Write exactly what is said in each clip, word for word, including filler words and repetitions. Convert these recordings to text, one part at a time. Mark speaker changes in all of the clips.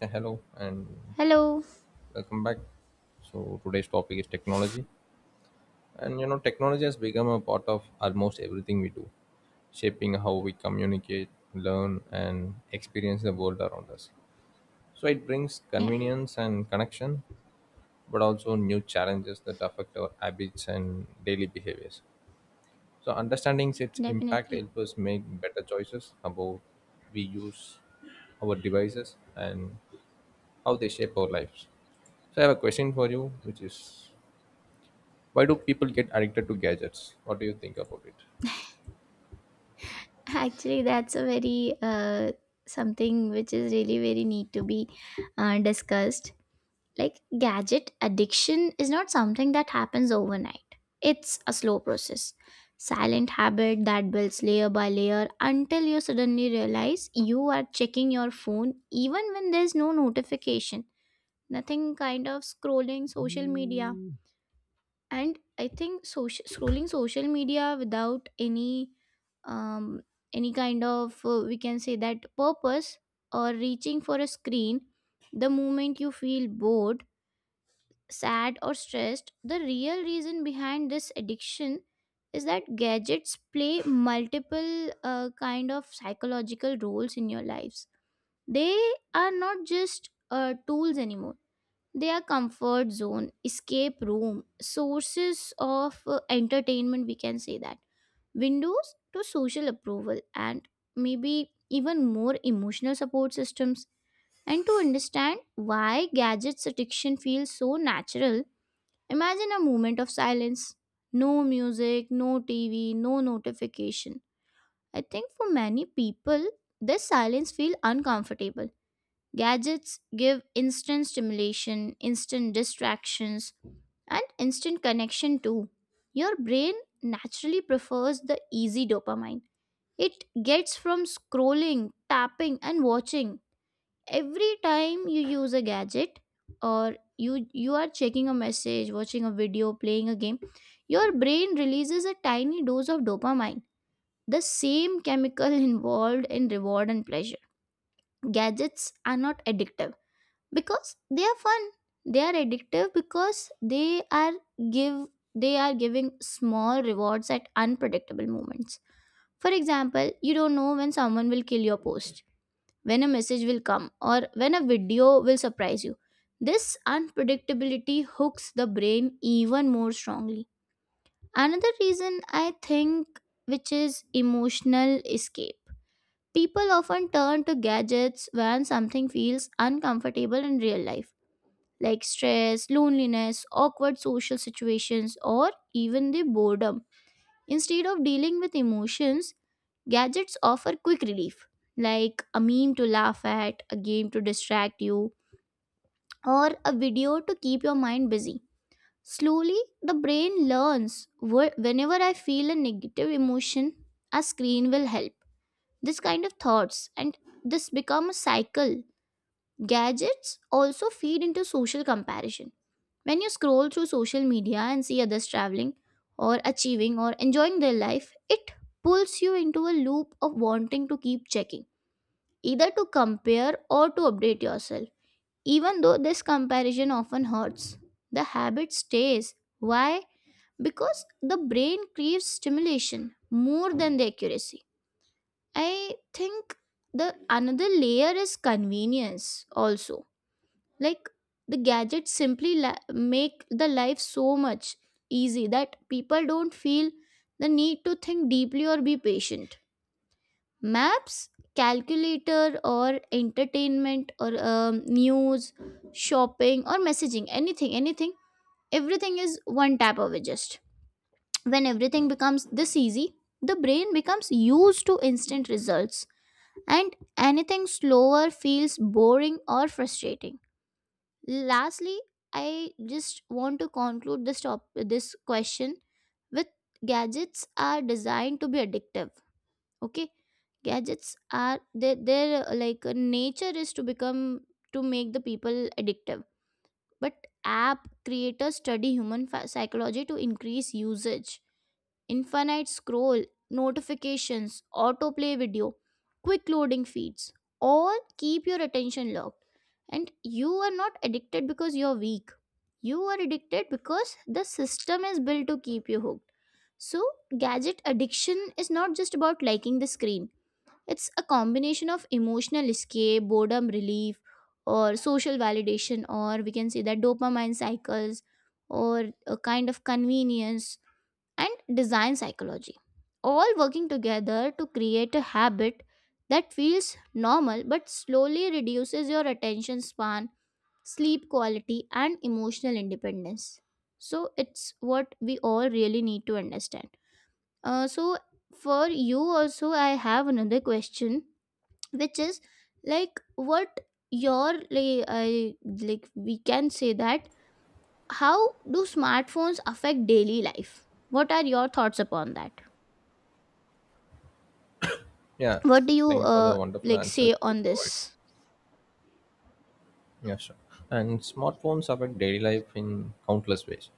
Speaker 1: Yeah, hello and
Speaker 2: Hello.
Speaker 1: welcome back. So today's topic is technology, and you know technology has become a part of almost everything we do, shaping how we communicate, learn, and experience the world around us. So it brings
Speaker 2: Yeah,
Speaker 1: convenience and connection, but also new challenges that affect our habits and daily behaviors. So understanding its impact
Speaker 2: definitely.
Speaker 1: helps us make better choices about we use our devices and how they shape our lives. So I have a question for you, which is, why do people get addicted to gadgets? What do you think about it?
Speaker 2: Actually, that's a very uh, something which is really very need to be uh, discussed. Like gadget addiction is not something that happens overnight. It's a slow process, silent habit that builds layer by layer until you suddenly realize you are checking your phone even when there's no notification, nothing kind of scrolling social media. And I think social, scrolling social media without any um, any kind of uh, we can say that purpose, or reaching for a screen the moment you feel bored, sad or stressed. The real reason behind this addiction is that gadgets play multiple uh, kind of psychological roles in your lives. They are not just uh, tools anymore. Their comfort zone, escape room, sources of uh, entertainment, we can say that. Windows to social approval and maybe even more emotional support systems. And to understand why gadgets addiction feels so natural, imagine a moment of silence. No music, no T V, no notification. I think for many people, this silence feels uncomfortable. Gadgets give instant stimulation, instant distractions, and instant connection too. Your brain naturally prefers the easy dopamine. It gets from scrolling, tapping, and watching. Every time you use a gadget or you you are checking a message, watching a video, playing a game, your brain releases a tiny dose of dopamine, the same chemical involved in reward and pleasure. Gadgets are not addictive because they are fun. They are addictive because they are give they are giving small rewards at unpredictable moments. For example, you don't know when someone will kill your post, when a message will come, or when a video will surprise you. This unpredictability hooks the brain even more strongly. Another reason I think, which is emotional escape. People often turn to gadgets when something feels uncomfortable in real life, like stress, loneliness, awkward social situations, or even the boredom. Instead of dealing with emotions, gadgets offer quick relief, like a meme to laugh at, a game to distract you, or a video to keep your mind busy. Slowly, the brain learns, wh- whenever I feel a negative emotion, a screen will help. This kind of thoughts and this become a cycle. Gadgets also feed into social comparison. When you scroll through social media and see others traveling or achieving or enjoying their life, it pulls you into a loop of wanting to keep checking, either to compare or to update yourself. Even though this comparison often hurts, the habit stays. Why? Because the brain craves stimulation more than the accuracy. I think the another layer is convenience also, like the gadgets simply la- make the life so much easy that people don't feel the need to think deeply or be patient. Maps, calculator, or entertainment, or um, news, shopping or messaging, anything anything, everything is one tap away. Just when everything becomes this easy, the brain becomes used to instant results, and anything slower feels boring or frustrating. Lastly, I just want to conclude this top this question with, gadgets are designed to be addictive. Okay, gadgets are their their uh, like uh, nature is to become to make the people addictive, but app creators study human fa- psychology to increase usage. Infinite scroll, notifications, autoplay video, quick loading feeds, all keep your attention locked. And you are not addicted because you're weak. You are addicted because the system is built to keep you hooked. So, gadget addiction is not just about liking the screen. It's a combination of emotional escape, boredom relief, or social validation, or we can say that dopamine cycles, or a kind of convenience and design psychology, all working together to create a habit that feels normal but slowly reduces your attention span, sleep quality, and emotional independence. So, it's what we all really need to understand. Uh, so, for you, also, I have another question, which is, like what your, like, I, like we can say that, how do smartphones affect daily life? What are your thoughts upon that?
Speaker 1: Yeah,
Speaker 2: What do you
Speaker 1: thank you for the
Speaker 2: uh,
Speaker 1: wonderful
Speaker 2: like
Speaker 1: answer which
Speaker 2: say
Speaker 1: you
Speaker 2: on
Speaker 1: provided.
Speaker 2: this?
Speaker 1: Yeah, sure. And smartphones affect daily life in countless ways,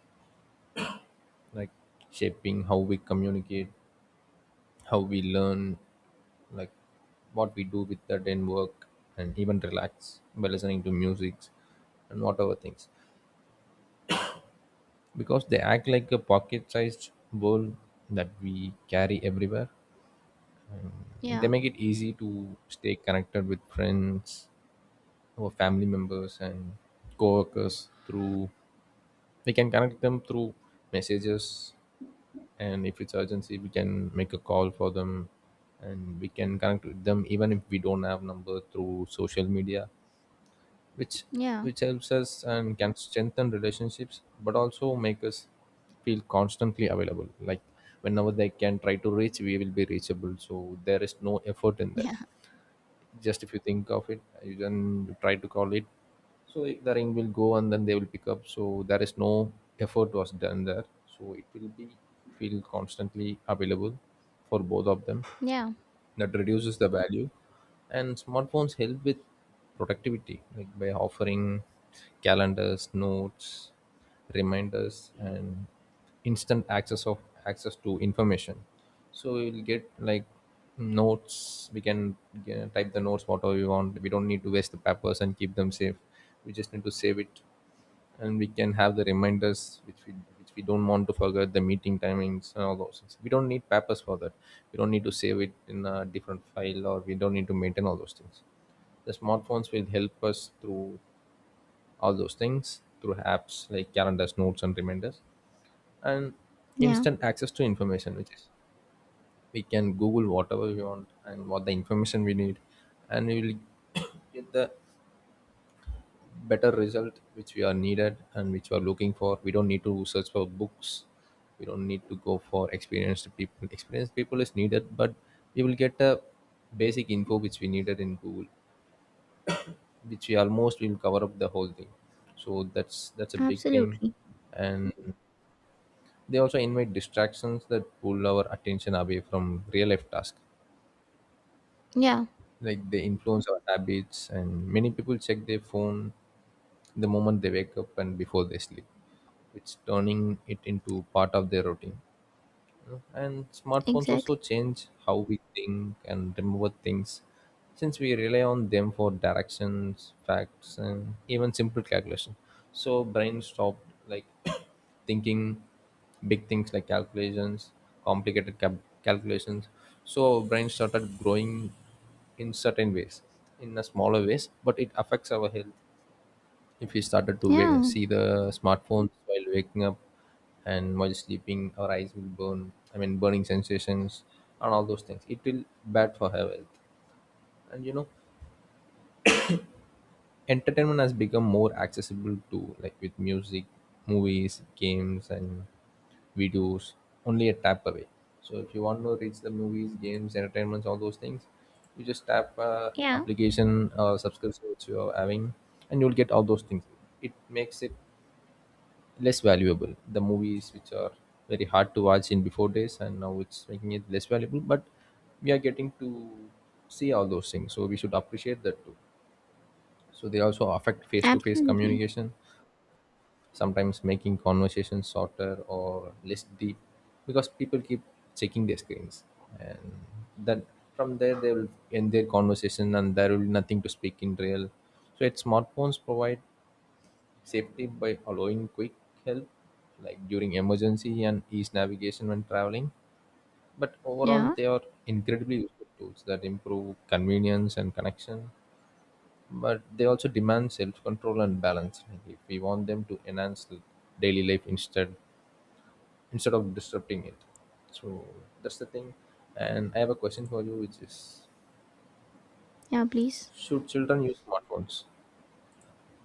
Speaker 1: like shaping how we communicate, how we learn, like what we do with that and work, and even relax by listening to music and whatever things, because they act like a pocket sized world that we carry everywhere. They
Speaker 2: Yeah,
Speaker 1: make it easy to stay connected with friends or family members and coworkers through, we can connect them through messages, and if it's urgency we can make a call for them, and we can connect with them even if we don't have number through social media, which
Speaker 2: yeah,
Speaker 1: which helps us and can strengthen relationships, but also make us feel constantly available. Like whenever they can try to reach, we will be reachable, so there is no effort in that.
Speaker 2: yeah,
Speaker 1: Just if you think of it, you then try to call it, so it- the ring will go and then they will pick up, so there is no effort was done there. So it will be feel constantly available for both of them,
Speaker 2: yeah,
Speaker 1: that reduces the value. And smartphones help with productivity, like by offering calendars, notes, reminders, and instant access of access to information. So we'll get like notes, we can get, type the notes whatever we want, we don't need to waste the papers and keep them safe, we just need to save it. And we can have the reminders which we, which we don't want to forget the meeting timings and all those things, we don't need papers for that, we don't need to save it in a different file, or we don't need to maintain all those things. The smartphones will help us through all those things through apps like calendars, notes, and reminders, and
Speaker 2: yeah.
Speaker 1: instant access to information, which is, we can google whatever we want and what the information we need, and we will get the better result which we are needed and which we are looking for. We don't need to search for books, we don't need to go for experienced people. Experienced people is needed, but we will get a basic info which we needed in google, which we almost will cover up the whole thing. So that's that's a big thing.
Speaker 2: Absolutely.
Speaker 1: And they also invite distractions that pull our attention away from real life tasks.
Speaker 2: Yeah.
Speaker 1: Like, they influence our habits, and many people check their phone the moment they wake up and before they sleep, it's turning it into part of their routine, you know. And smartphones also
Speaker 2: Exactly.
Speaker 1: change how we think and remember things, since we rely on them for directions, facts, and even simple calculation. So brain stopped, like, thinking big things like calculations, complicated cal- calculations. So brain started growing in certain ways, in a smaller ways, but it affects our health if we started to wake,
Speaker 2: Yeah,
Speaker 1: see the smartphones while waking up and while sleeping, our eyes will burn, I mean burning sensations, and all those things it will bad for our health. And you know, entertainment has become more accessible to, like, with music, movies, games, and videos only a tap away. So if you want to reach the movies, games, entertainments, all those things, you just tap uh,
Speaker 2: yeah.
Speaker 1: application or subscription which you are having, and you'll get all those things. It makes it less valuable. The movies which are very hard to watch in before days, and now it's making it less valuable. But we are getting to see all those things, so we should appreciate that too. So they also affect face-to-face
Speaker 2: Absolutely.
Speaker 1: communication, sometimes making conversations shorter or less deep, because people keep checking their screens, and then from there they will end their conversation, and there will be nothing to speak in real. So, yet smartphones provide safety by allowing quick help, like during emergency and ease navigation when traveling. But overall,
Speaker 2: Yeah,
Speaker 1: they are incredibly useful tools that improve convenience and connection. But they also demand self-control and balance, like if we want them to enhance the daily life instead instead of disrupting it. So that's the thing. And I have a question for you, which is,
Speaker 2: yeah, please.
Speaker 1: should children use smartphones?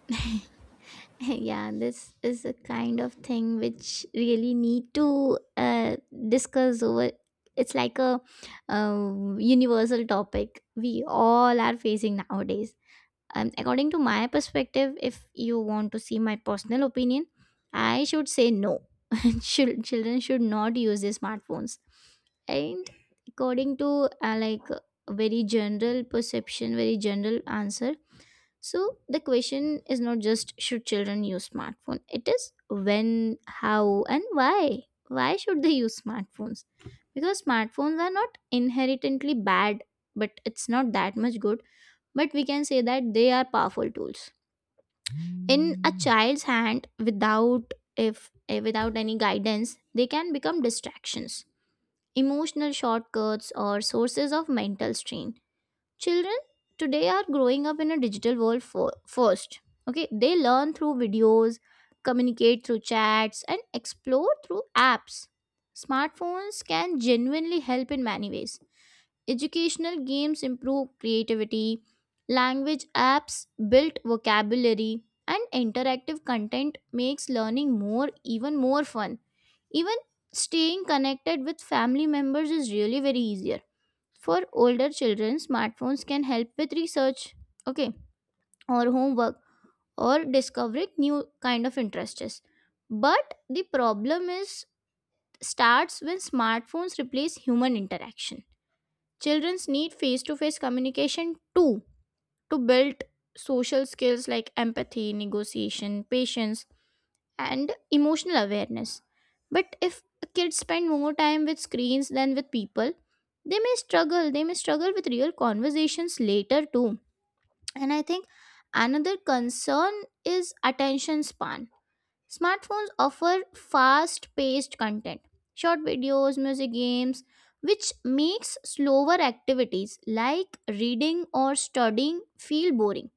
Speaker 2: Yeah, this is a kind of thing which really need to uh, discuss over. It's like a um, universal topic we all are facing nowadays. Um, according to my perspective, if you want to see my personal opinion, I should say no. Chil- children should not use their smartphones. And according to uh, like a very general perception, very general answer, so the question is not just should children use smartphone, it is when, how and why. Why should they use smartphones? Because smartphones are not inherently bad, but it's not that much good, but we can say that they are powerful tools. In a child's hand without if eh, without any guidance, they can become distractions, emotional shortcuts, or sources of mental strain. Children today are growing up in a digital world for, first. Okay, they learn through videos, communicate through chats, and explore through apps. Smartphones can genuinely help in many ways. Educational games improve creativity, language apps build vocabulary, and interactive content makes learning more even more fun. Even staying connected with family members is really very easier. For older children, smartphones can help with research, okay, or homework, or discovering new kind of interests. But the problem is starts when smartphones replace human interaction. Childrens need face-to-face communication too to build social skills like empathy, negotiation, patience, and emotional awareness. But if kids spend more time with screens than with people, they may struggle. They may struggle with real conversations later too. And I think another concern is attention span. Smartphones offer fast paced content, short videos, music, games, which makes slower activities like reading or studying feel boring.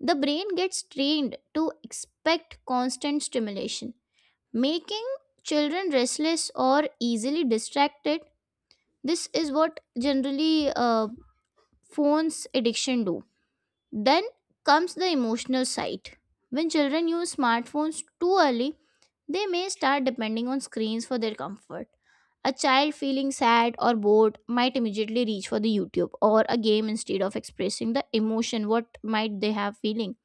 Speaker 2: The brain gets trained to expect constant stimulation, making children restless or easily distracted. This is what generally uh, phones addiction do. Then comes the emotional side. When children use smartphones too early, they may start depending on screens for their comfort. A child feeling sad or bored might immediately reach for the YouTube or a game instead of expressing the emotion what might they have feeling.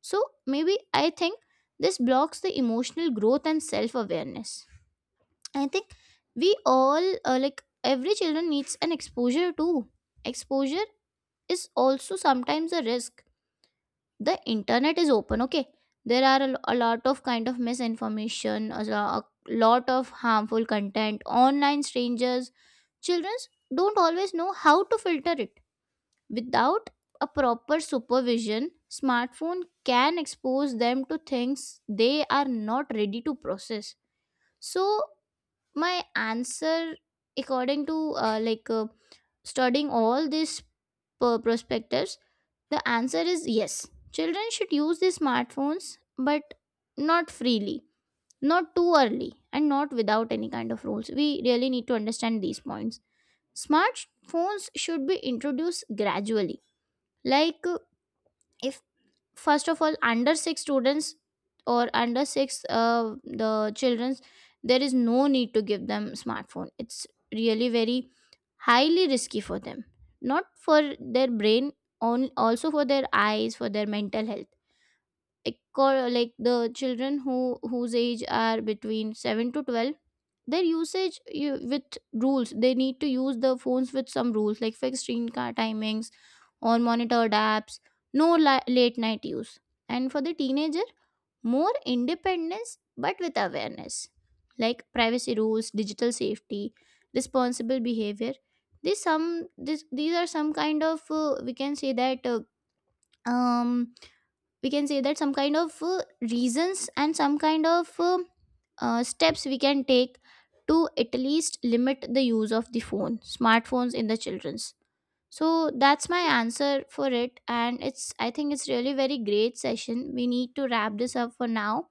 Speaker 2: So maybe I think this blocks the emotional growth and self awareness. I think we all uh, like every children needs an exposure too. Exposure is also sometimes a risk. The internet is open, okay? There are a, lo- a lot of kind of misinformation, a, lo- a lot of harmful content, online strangers. Children don't always know how to filter it. Without a proper supervision, smartphone can expose them to things they are not ready to process. So my answer, according to uh, like uh, studying all these per- perspectives, the answer is yes, children should use these smartphones, but not freely, not too early, and not without any kind of rules. We really need to understand these points. Smartphones should be introduced gradually, like uh, if first of all under six students, or under six uh, the children's, there is no need to give them smartphone. It's really very highly risky for them, not for their brain, on also for their eyes, for their mental health. Eco- like the children who whose age are between seven to twelve, their usage you, with rules, they need to use the phones with some rules like fixed screen car timings or monitored apps, no la- late night use. And for the teenager, more independence, but with awareness, like privacy rules, digital safety, responsible behavior. These some this, these are some kind of uh, we can say that uh, um we can say that some kind of uh, reasons and some kind of uh, uh, steps we can take to at least limit the use of the phone smartphones in the children's. So that's my answer for it. And it's I think it's really very great session. We need to wrap this up for now,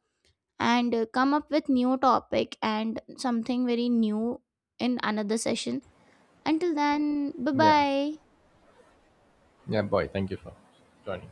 Speaker 2: and uh, come up with new topic and something very new in another session. Until then, bye
Speaker 1: Yeah,
Speaker 2: bye.
Speaker 1: yeah, boy. Thank you for joining.